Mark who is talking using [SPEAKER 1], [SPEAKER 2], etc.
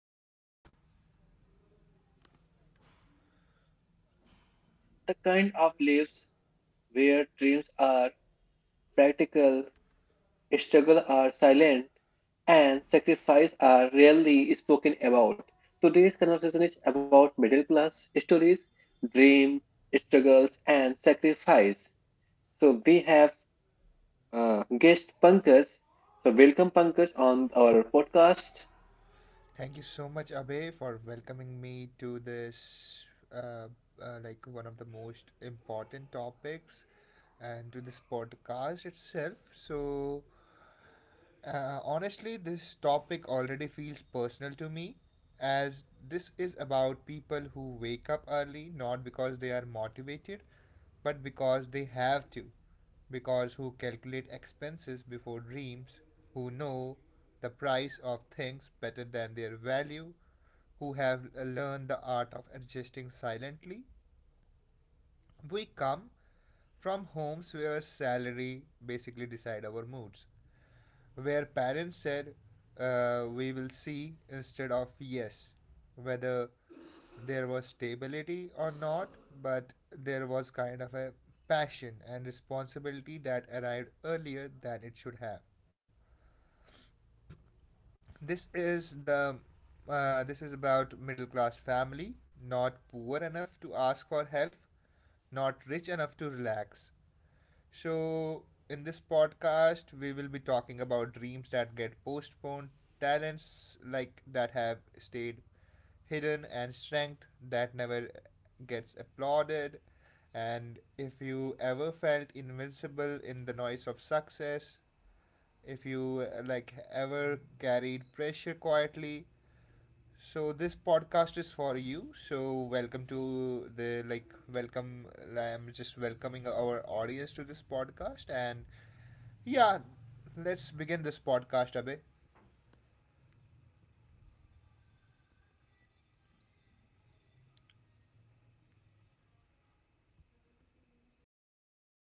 [SPEAKER 1] It's about ordinary lives, middle class lives, the kind of lives where dreams are practical, struggles are silent, and sacrifice are rarely spoken about. Today's conversation is about middle class stories, dream, struggles, and sacrifice. So we have guest Pankaj. So welcome Pankaj on our podcast.
[SPEAKER 2] Thank you so much, Abe, for welcoming me to this, uh, one of the most important topics, and to this podcast itself. Honestly, this topic already feels personal to me, as this is about people who wake up early not because they are motivated, but because they have to. Because who calculate expenses before dreams, who know the price of things better than their value, who have learned the art of adjusting silently. We come from homes where salary basically decide our moods where parents said we will see instead of yes, whether there was stability or not, but there was kind of a passion and responsibility that arrived earlier than it should have. This is the this is about middle class family, not poor enough to ask for help, not rich enough to relax, so, in this podcast, we will be talking about dreams that get postponed, talents like that have stayed hidden, and strength that never gets applauded. And if you ever felt invincible in the noise of success, if you ever carried pressure quietly, so this podcast is for you. So welcome to the like welcome. I'm just welcoming our audience to this podcast, and yeah, let's begin this podcast, Abhay.